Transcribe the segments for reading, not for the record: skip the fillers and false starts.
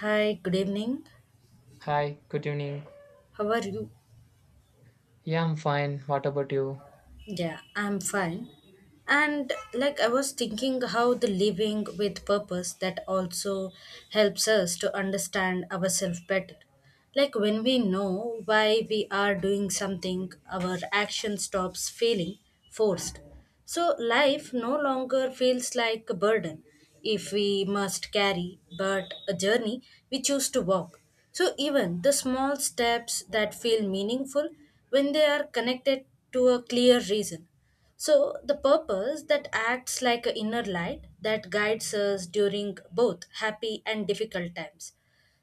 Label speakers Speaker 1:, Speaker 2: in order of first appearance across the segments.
Speaker 1: Hi, good evening.
Speaker 2: Hi, good evening.
Speaker 1: How are you?
Speaker 2: Yeah, I'm fine. What about you?
Speaker 1: Yeah, I'm fine. And like I was thinking how the living with purpose that also helps us to understand ourselves better. Like when we know why we are doing something, our action stops feeling forced. So life no longer feels like a burden if we must carry, but a journey we choose to walk. So even the small steps that feel meaningful when they are connected to a clear reason. So the purpose that acts like an inner light that guides us during both happy and difficult times.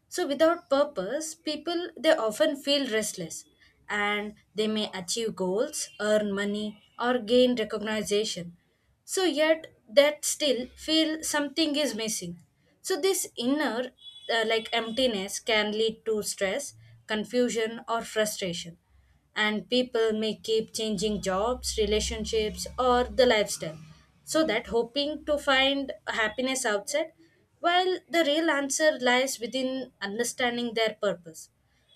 Speaker 1: So without purpose, people they often feel restless, and they may achieve goals, earn money or gain recognition. So yet that still feel something is missing. So this inner like emptiness can lead to stress, confusion or frustration, and people may keep changing jobs, relationships, or the lifestyle so that hoping to find happiness outside while the real answer lies within understanding their purpose.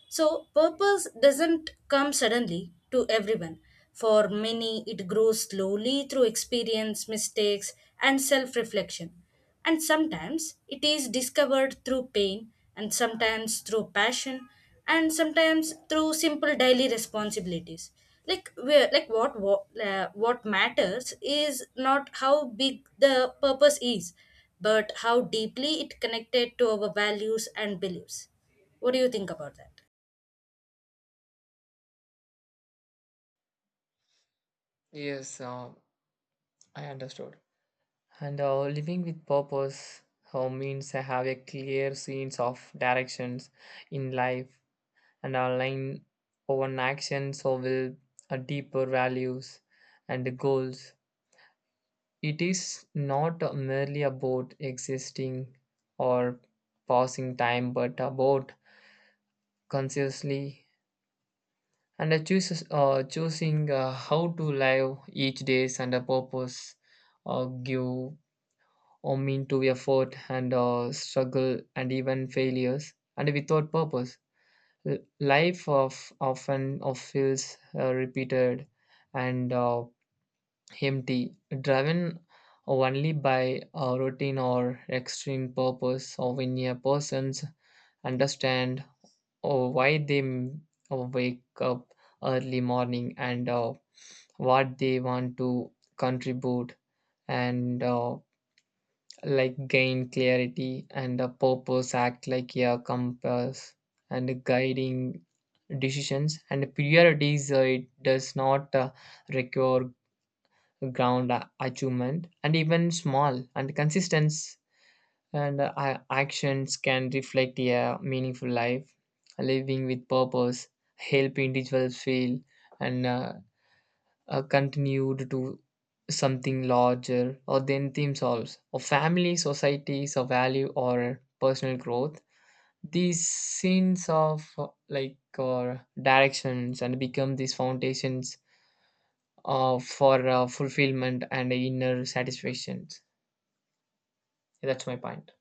Speaker 1: So, purpose doesn't come suddenly to everyone. For many, it grows slowly through experience, mistakes, and self reflection. And sometimes it is discovered through pain, and sometimes through passion, and sometimes through simple daily responsibilities. Like where, like what matters is not how big the purpose is, but how deeply it connected to our values and beliefs. What do you think about that?
Speaker 2: Yes, I understood. And living with purpose means I have a clear sense of directions in life and align over action so will a deeper values and goals. It is not merely about existing or passing time, but about consciously and I chooses choosing how to live each day and a purpose give or mean to effort and struggle and even failures and without purpose L- life of often of feels repeated and empty driven only by a routine or extreme purpose of when a person's understand or why they wake up early morning and what they want to contribute and like gain clarity and a purpose act like a compass and guiding decisions and priorities, it does not require achievement and even small and consistent and actions can reflect a meaningful life living with purpose help individuals feel and continued to something larger or then themselves or family societies or value or personal growth these scenes of like or directions and become these foundations for fulfillment and inner satisfactions. That's my point.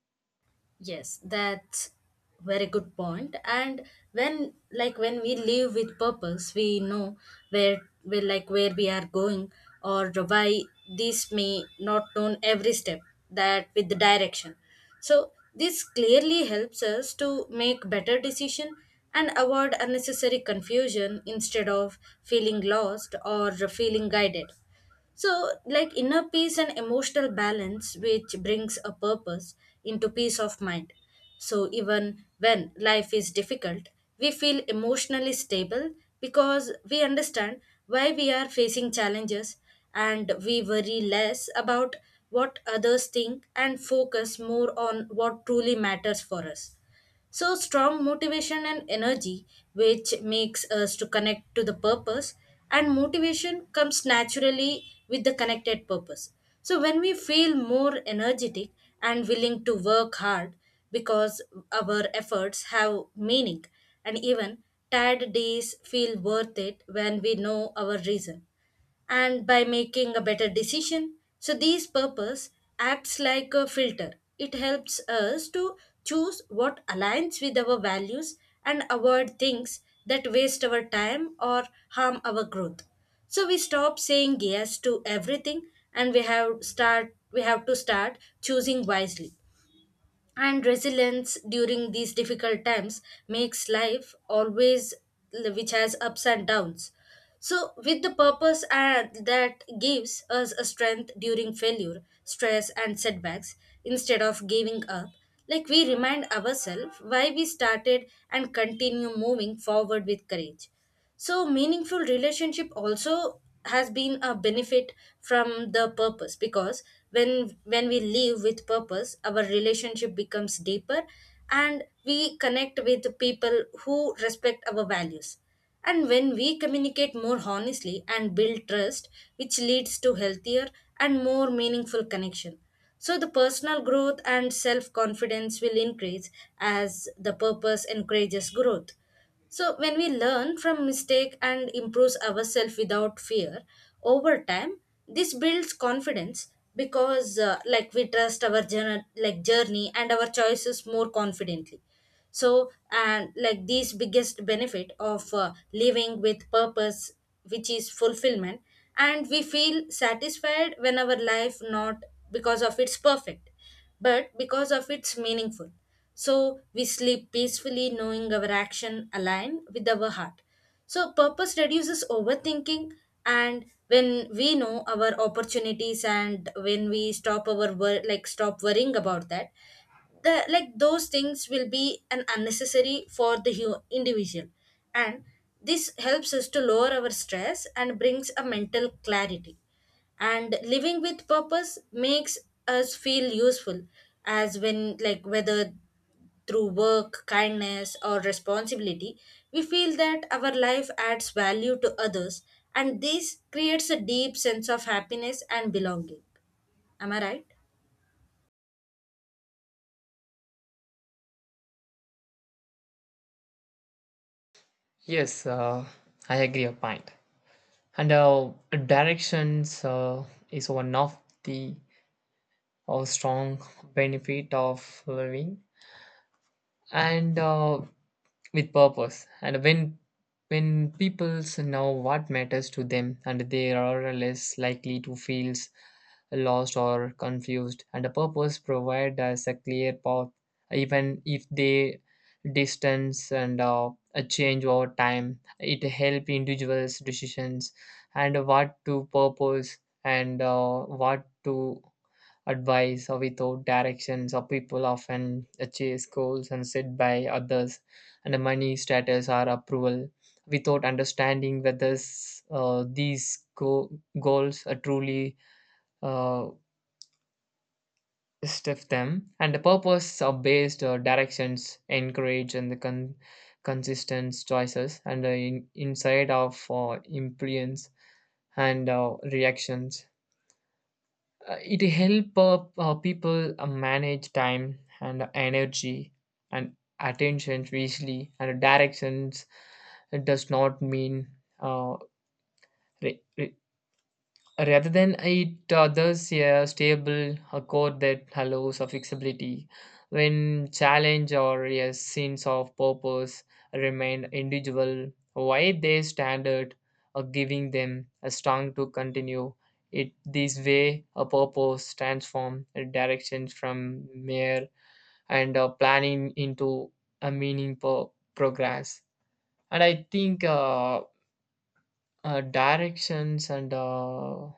Speaker 1: Yes, that's very good point. And when like when we live with purpose, we know where like where we are going or why, this may not known every step that with the direction. So this clearly helps us to make better decision and avoid unnecessary confusion instead of feeling lost or feeling guided. So, like inner peace and emotional balance, which brings a purpose into peace of mind. So, even when life is difficult, we feel emotionally stable because we understand why we are facing challenges, and we worry less about what others think and focus more on what truly matters for us. So strong motivation and energy, which makes us to connect to the purpose, and motivation comes naturally with the connected purpose. So when we feel more energetic and willing to work hard because our efforts have meaning, and even tired days feel worth it when we know our reason and by making a better decision. So these purpose acts like a filter. It helps us to choose what aligns with our values and avoid things that waste our time or harm our growth. So we stop saying yes to everything, and we have to start choosing wisely and resilience during these difficult times makes life always, which has ups and downs, so with the purpose and that gives us a strength during failure, stress and setbacks. Instead of giving up, like we remind ourselves why we started and continue moving forward with courage. So meaningful relationship also has been a benefit from the purpose, because when we live with purpose our relationship becomes deeper, and we connect with people who respect our values, and when we communicate more honestly and build trust, which leads to healthier and more meaningful connection. So the personal growth and self confidence will increase as the purpose encourages growth. So, when we learn from mistake and improves ourselves without fear, over time, this builds confidence because, like, we trust our journey, like journey and our choices more confidently. So, and like this biggest benefit of living with purpose, which is fulfillment, and we feel satisfied when our life not because of it's perfect but because of its meaningful. So we sleep peacefully knowing our action align with our heart. So purpose reduces overthinking, and when we know our opportunities and when we like stop worrying about that, the like those things will be an unnecessary for the individual, and this helps us to lower our stress and brings a mental clarity. And living with purpose makes us feel useful, as when like whether through work, kindness or responsibility, we feel that our life adds value to others, and this creates a deep sense of happiness and belonging. Am I right?
Speaker 2: Yes, I agree your point. And directions is one of the strong benefit of living and with purpose. And when people know what matters to them, and they are less likely to feel lost or confused, and a purpose provides us a clear path, even if they distance and a change over time. It helps individuals' decisions and what to purpose and what to advice or without directions or people often chase goals and set by others and the money status or approval without understanding whether goals are truly uh, stiff them and the purpose of based directions encourage and the consistent choices and the inside of influence and reactions. It help people manage time and energy and attention easily and directions, it does not mean uh, re- rather than it others a stable a code that allows a flexibility when challenge or a sense of purpose remain individual why they standard or giving them a strong to continue it this way a purpose transform a direction from mere and planning into a meaning progress. And I think directions and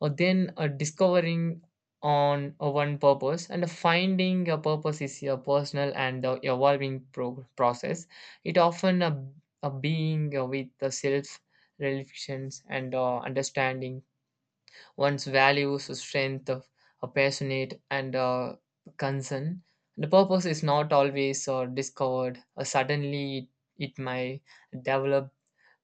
Speaker 2: or then a discovering on a one purpose and a finding a purpose is a personal and evolving process. It often a being with the self reflections and understanding one's values strength of a passionate and concern. The purpose is not always discovered suddenly. It might develop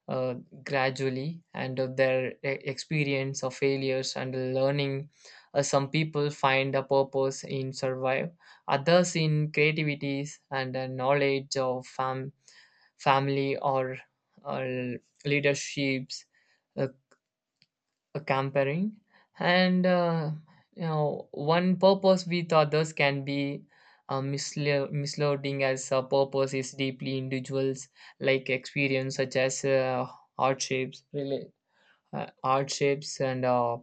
Speaker 2: uh, gradually and of their experience of failures and learning. Some people find a purpose in survive, others in creativities and knowledge of family or uh, leaderships. Uh, Comparing and one purpose with others can be misleading as a purpose is deeply individuals, like experience such as hardships really hardships and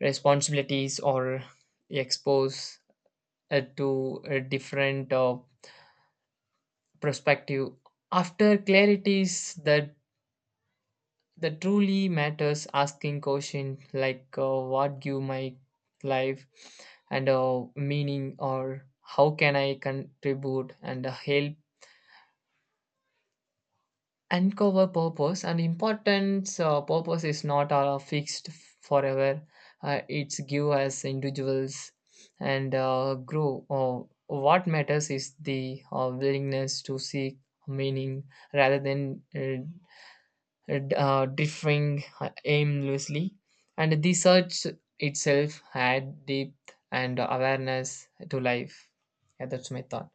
Speaker 2: responsibilities or expose to a different perspective after clarities that the truly matters, asking question like what give my life and meaning or how can I contribute and help uncover purpose and importance. Purpose is not fixed forever, it's give us individuals and grow. What matters is the willingness to seek meaning rather than differing aimlessly, and the search itself had depth and awareness to life. Yeah, that's my thought.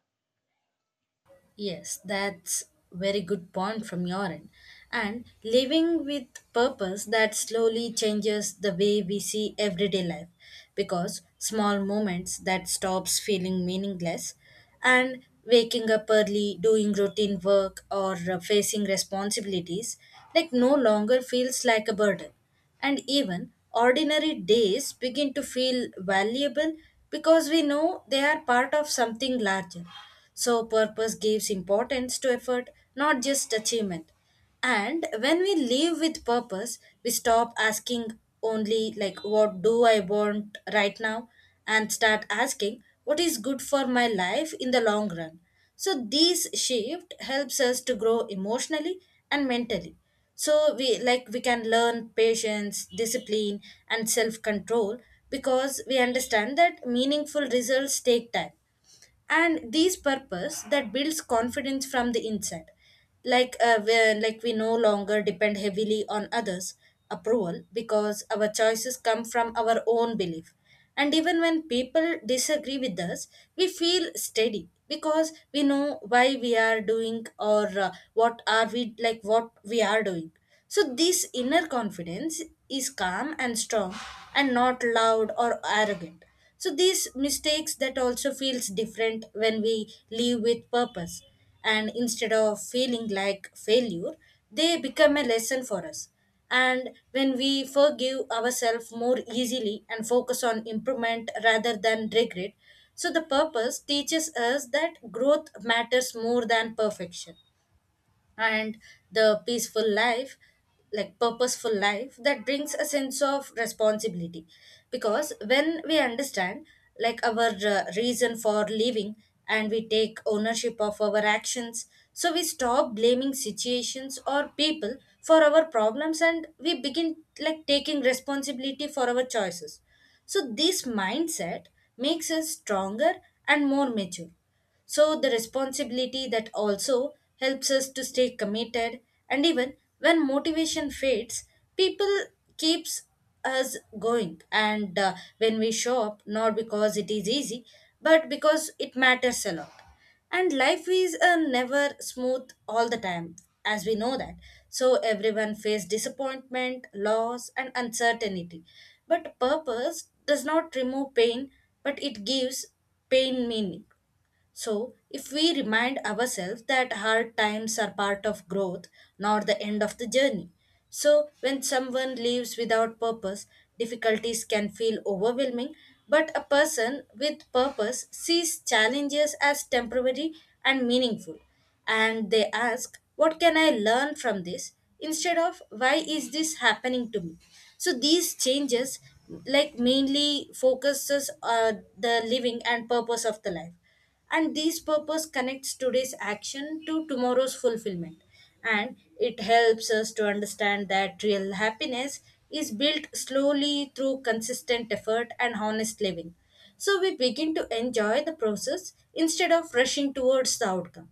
Speaker 1: Yes, that's very good point from your end. And living with purpose that slowly changes the way we see everyday life because small moments that stops feeling meaningless, and waking up early, doing routine work or facing responsibilities like no longer feels like a burden, and even ordinary days begin to feel valuable because we know they are part of something larger. So, purpose gives importance to effort, not just achievement. And when we live with purpose, we stop asking only, like, what do I want right now? And start asking what is good for my life in the long run. So, this shift helps us to grow emotionally and mentally, so we can learn patience, discipline and self control because we understand that meaningful results take time, and these purpose that builds confidence from the inside like like we no longer depend heavily on others approval because our choices come from our own belief, and even when people disagree with us we feel steady because we know why we are doing or what are we like what we are doing. So this inner confidence is calm and strong and not loud or arrogant. So these mistakes that also feels different when we live with purpose, and instead of feeling like failure, they become a lesson for us. And when we forgive ourselves more easily and focus on improvement rather than regret, so the purpose teaches us that growth matters more than perfection. And the peaceful life, like purposeful life that brings a sense of responsibility because when we understand like our reason for living, and we take ownership of our actions, so we stop blaming situations or people for our problems, and we begin like taking responsibility for our choices. So this mindset makes us stronger and more mature. So, the responsibility that also helps us to stay committed, and even when motivation fades, people keeps us going. And when we show up, not because it is easy, but because it matters a lot. And life is never smooth all the time, as we know that. So, everyone faces disappointment, loss, and uncertainty. But purpose does not remove pain, but it gives pain meaning. So, if we remind ourselves that hard times are part of growth, not the end of the journey. So, when someone lives without purpose, difficulties can feel overwhelming, but a person with purpose sees challenges as temporary and meaningful. And they ask, "What can I learn from this?" instead of "Why is this happening to me?" So, these changes like mainly focuses the living and purpose of the life, and this purpose connects today's action to tomorrow's fulfillment, and it helps us to understand that real happiness is built slowly through consistent effort and honest living, so we begin to enjoy the process instead of rushing towards the outcome.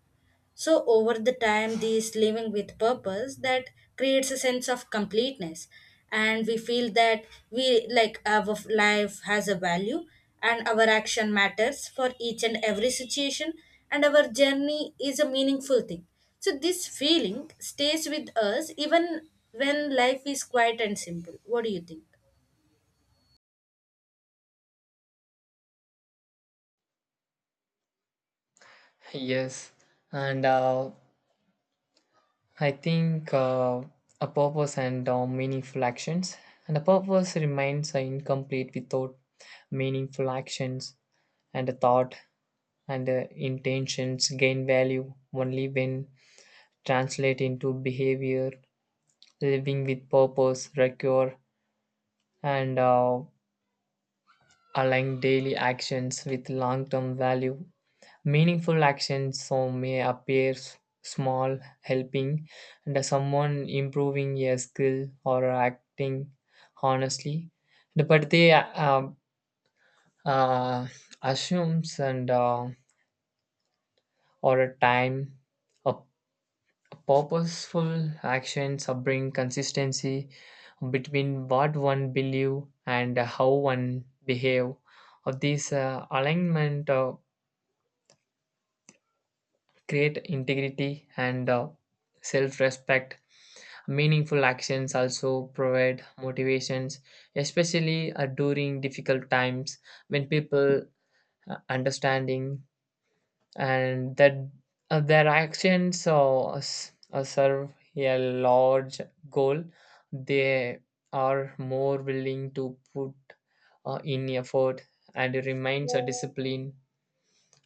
Speaker 1: So, over the time, this living with purpose that creates a sense of completeness, and we feel that we like our life has a value and our action matters for each and every situation, and our journey is a meaningful thing. So, this feeling stays with us even when life is quiet and simple. What do you think?
Speaker 2: Yes, and I think a purpose and meaningful actions, and a purpose remains incomplete without meaningful actions and a thought and intentions gain value only when translate into behavior. Living with purpose require and align daily actions with long term value. Meaningful actions so may appear small, helping and someone improving a skill or acting honestly, but they uh, assumes and or a time of purposeful actions bring consistency between what one believe and how one behave of this alignment create integrity and self-respect. Meaningful actions also provide motivations especially during difficult times when people understanding and that their actions serve a large goal, they are more willing to put in effort and remains a discipline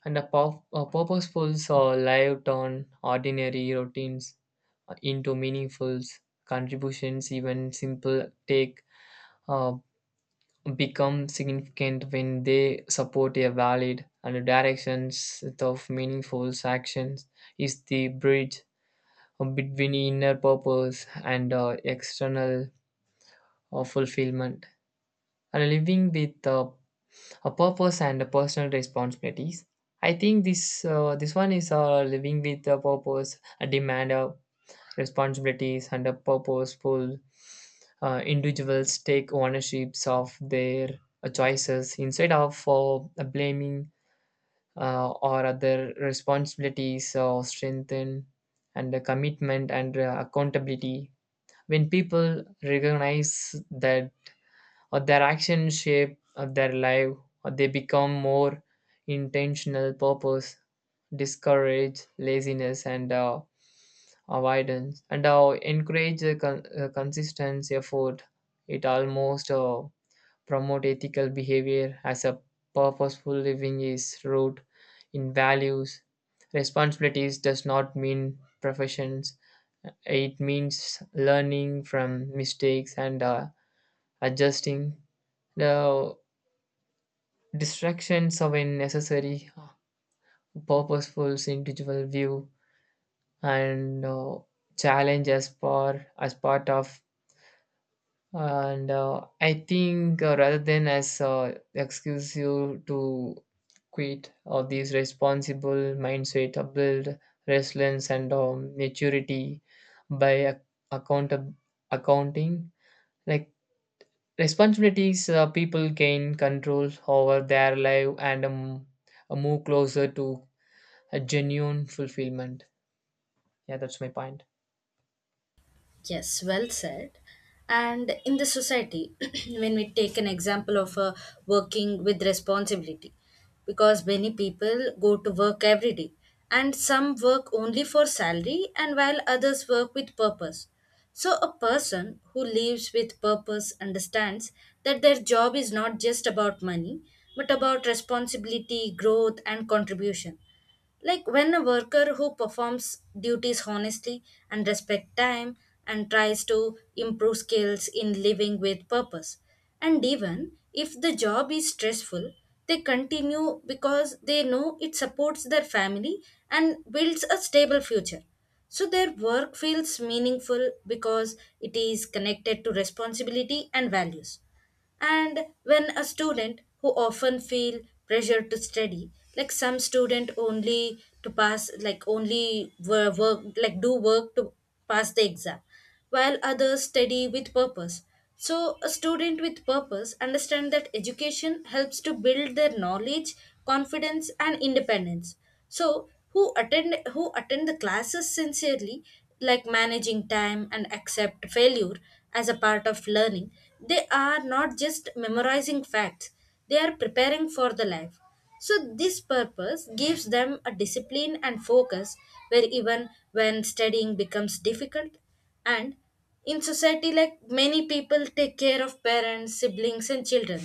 Speaker 2: and a, a purposeful so life turn ordinary routines into meaningful contributions. Even simple take uh, become significant when they support a valid and directions of meaningful actions is the bridge between inner purpose and external fulfillment. And living with a purpose and personal responsibilities, I think this this one is living with a purpose a demand responsibilities, and a purposeful individuals take ownerships of their choices instead of blaming or other responsibilities or strengthen and the commitment and accountability. When people recognize that or their actions shape their life, or they become more intentional. Purpose discourage laziness and avoidance and encourage the consistency effort. It almost promote ethical behavior as a purposeful living is rooted in values. Responsibilities does not mean professions, it means learning from mistakes and adjusting. Now, distractions of a necessary, purposeful, individual view and challenge as part of. And I think rather than as excuse you to quit or these responsible mindset, build resilience and maturity by account accounting, like responsibilities, people gain control over their life and move closer to a genuine fulfillment. Yeah, that's my point.
Speaker 1: Yes, well said. And in the society, when we take an example of working with responsibility, because many people go to work every day, and some work only for salary, and while others work with purpose. So, a person who lives with purpose understands that their job is not just about money, but about responsibility, growth, and contribution. Like when a worker who performs duties honestly and respect time and tries to improve skills in living with purpose. And even if the job is stressful, they continue because they know it supports their family and builds a stable future. So their work feels meaningful because it is connected to responsibility and values. And when a student who often feel pressure to study, like some student only to pass, like only wo- work like do work to pass the exam, while others study with purpose. So a student with purpose understand that education helps to build their knowledge, confidence, and independence. So who attend the classes sincerely, like managing time and accept failure as a part of learning. They are not just memorizing facts, they are preparing for the life. So this purpose gives them a discipline and focus where even when studying becomes difficult. And in society, like many people take care of parents, siblings, and children.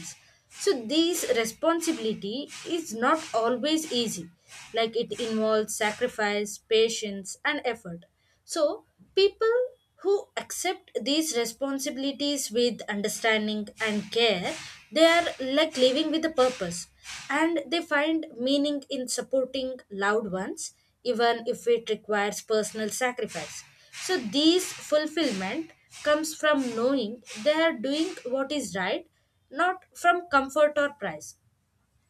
Speaker 1: So this responsibility is not always easy, like it involves sacrifice, patience, and effort. So people who accept these responsibilities with understanding and care, they are like living with a purpose, and they find meaning in supporting loved ones even if it requires personal sacrifice. So these fulfillment comes from knowing they are doing what is right, not from comfort or price.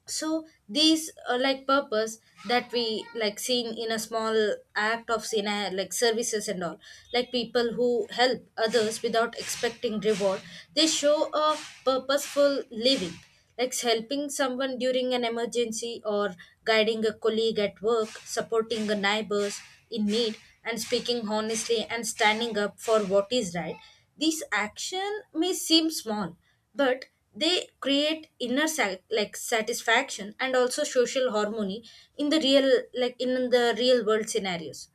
Speaker 1: So these like purpose that we like seen in a small act of seen like services and all, like people who help others without expecting reward, they show a purposeful living. Like helping someone during an emergency, or guiding a colleague at work, supporting a neighbors in need, and speaking honestly and standing up for what is right. This action may seem small, but they create inner like satisfaction and also social harmony. In the real, like in the real world scenarios,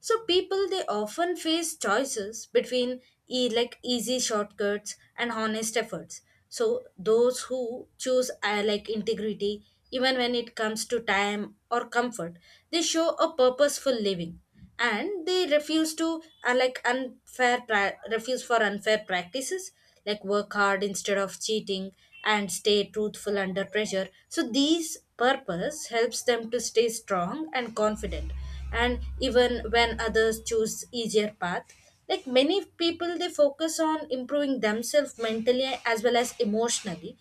Speaker 1: so people they often face choices between like easy shortcuts and honest efforts. So those who choose like integrity, even when it comes to time or comfort, they show a purposeful living, and they refuse to refuse for unfair practices, like work hard instead of cheating and stay truthful under pressure. So these purpose helps them to stay strong and confident, and even when others choose easier path, like many people they focus on improving themselves mentally as well as emotionally.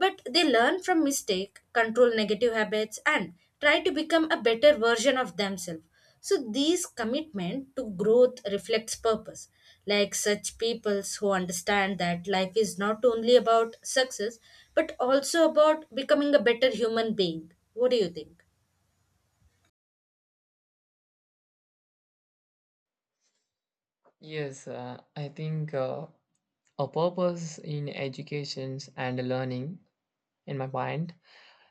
Speaker 1: But they learn from mistake, control negative habits, and try to become a better version of themselves. So these commitment to growth reflects purpose. Like such peoples who understand that life is not only about success, but also about becoming a better human being. What do you think?
Speaker 2: Yes, I think a purpose in education and learning, in my mind,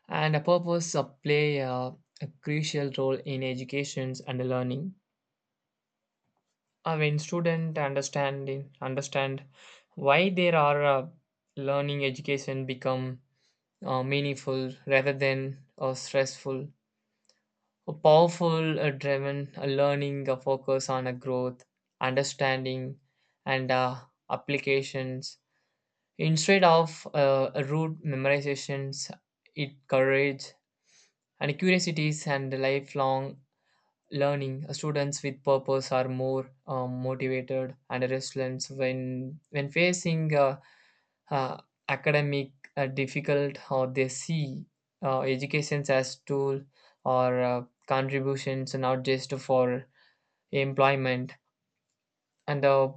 Speaker 2: and a purpose play a crucial role in education and learning. When student understanding understand why there are learning, education become meaningful rather than stressful. A powerful, driven learning focus on a growth, understanding, and applications instead of a rote memorizations. It courage and curiosities and lifelong learning. Students with purpose are more motivated and resilient when facing uh, academic difficult, how they see educations as tool or contributions not just for employment. And the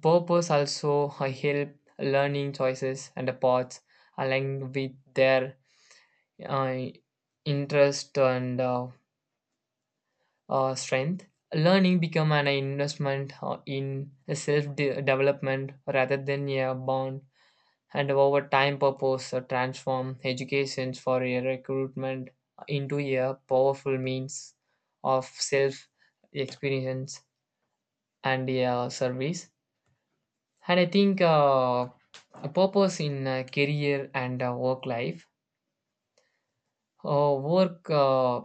Speaker 2: purpose also help learning choices and the paths aligned with their uh, interest and strength. Learning become an investment in development rather than a bond. And over time purpose transform educations for a recruitment into a powerful means of self experience and a service. And I think a purpose in career and work life, work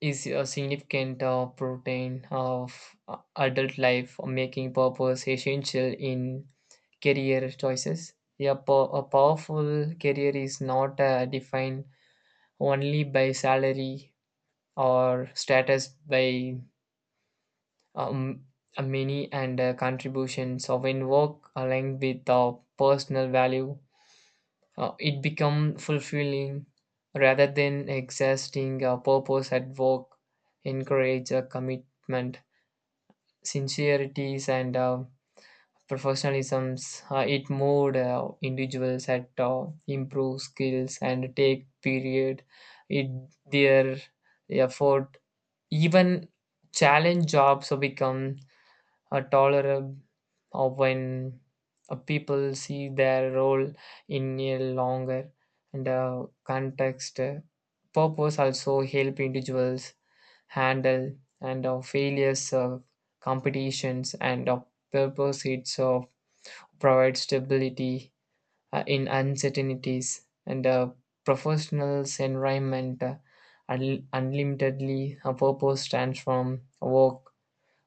Speaker 2: is a significant protein of adult life making purpose essential in career choices. Yeah, a powerful career is not defined only by salary or status by um, a many and contributions. So when work aligned with our personal value, it become fulfilling rather than exhausting. Our purpose at work encourage a commitment sincerities and professionalisms, it moved individuals at improve skills and take period it their effort. Even challenge jobs become a tolerable when people see their role in a longer and context. Purpose also help individuals handle and failures, competitions, and purpose itself provide stability in uncertainties and a professional's environment. Unlimitedly a purpose stands from work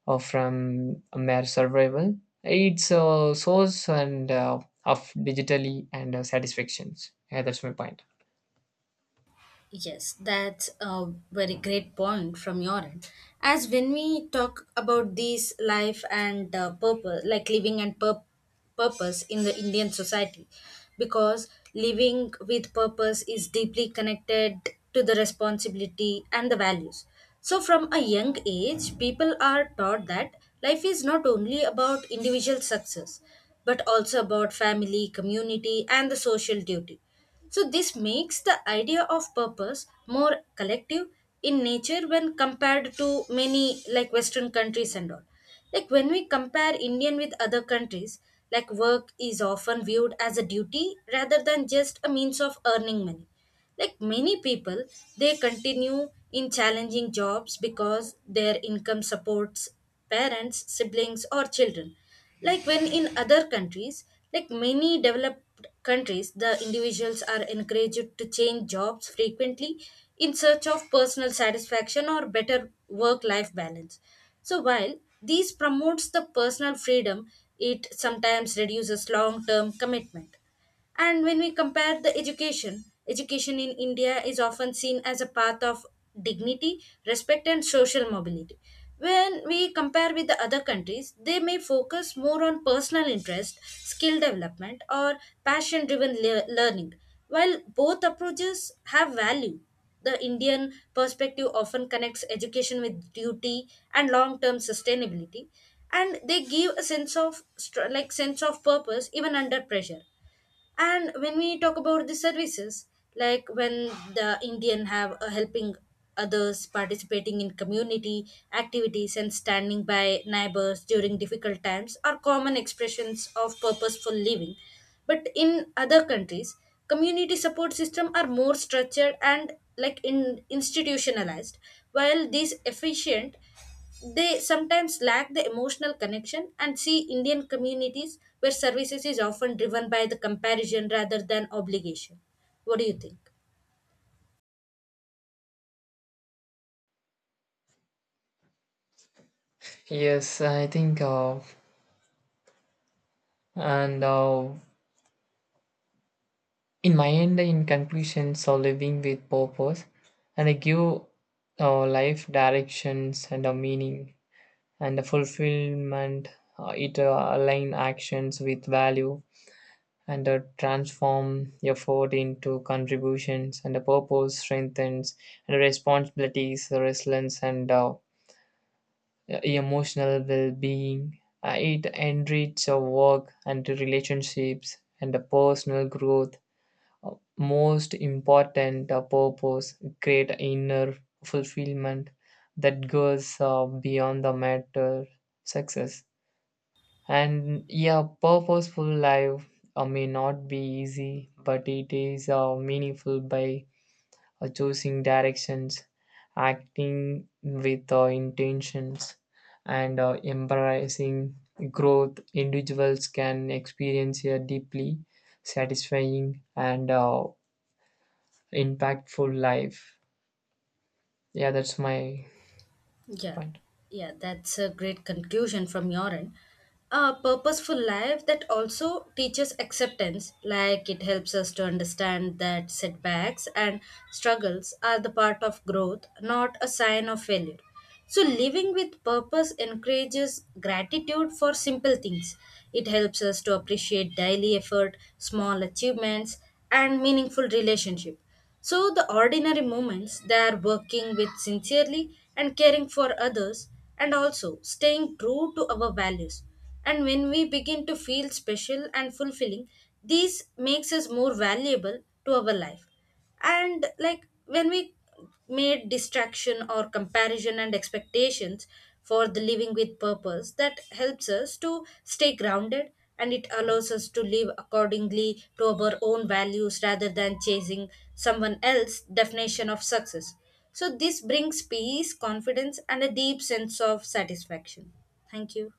Speaker 2: or from mere survival, it's a source and of digitally and satisfactions. Yeah, that's my point.
Speaker 1: Yes, that's a very great point from your end. As when we talk about these life and purpose, like living and purpose in the Indian society, because living with purpose is deeply connected to the responsibility and the values. So, from a young age, people are taught that life is not only about individual success, but also about family, community, and the social duty. So, this makes the idea of purpose more collective in nature when compared to many like Western countries and all. Like, when we compare Indian with other countries, like work is often viewed as a duty rather than just a means of earning money. Like many people, they continue in challenging jobs because their income supports parents, siblings, or children. Like when in other countries, like many developed countries, the individuals are encouraged to change jobs frequently in search of personal satisfaction or better work life balance. So while this promotes the personal freedom, it sometimes reduces long term commitment. And when we compare the education, education in India is often seen as a path of dignity, respect, and social mobility. When we compare with the other countries, they may focus more on personal interest, skill development, or passion driven learning. While both approaches have value, the Indian perspective often connects education with duty and long-term sustainability, and they give a sense of like sense of purpose even under pressure. And when we talk about the services, like when the indian have a helping others, participating in community activities, and standing by neighbors during difficult times are common expressions of purposeful living. But in other countries, community support systems are more structured and like in institutionalized. While these efficient, they sometimes lack the emotional connection and see Indian communities where services is often driven by the comparison rather than obligation. What do you think?
Speaker 2: Yes, I think and in my end in conclusion, so living with purpose and I give life directions and a meaning and the fulfillment, it align actions with value and transform effort into contributions and the purpose strengthens and responsibilities resilience and emotional well-being. It enriches our work and relationships and the personal growth. Uh, Most important purpose create inner fulfillment that goes beyond the matter success. And yeah, purposeful life may not be easy, but it is meaningful. By choosing directions, acting with intentions, and embracing growth, individuals can experience a deeply satisfying and impactful life. Yeah, that's my
Speaker 1: Yeah,
Speaker 2: point.
Speaker 1: yeah, that's a great conclusion from your end. A purposeful life that also teaches acceptance, like it helps us to understand that setbacks and struggles are the part of growth, not a sign of failure. So, living with purpose encourages gratitude for simple things. It helps us to appreciate daily effort, small achievements, and meaningful relationship. So, the ordinary moments they are working with sincerely and caring for others, and also staying true to our values. And when we begin to feel special and fulfilling, this makes us more valuable to our life. And like when we made distraction or comparison and expectations for the living with purpose that helps us to stay grounded, and it allows us to live accordingly to our own values rather than chasing someone else's definition of success. So, this brings peace, confidence, and a deep sense of satisfaction. Thank you.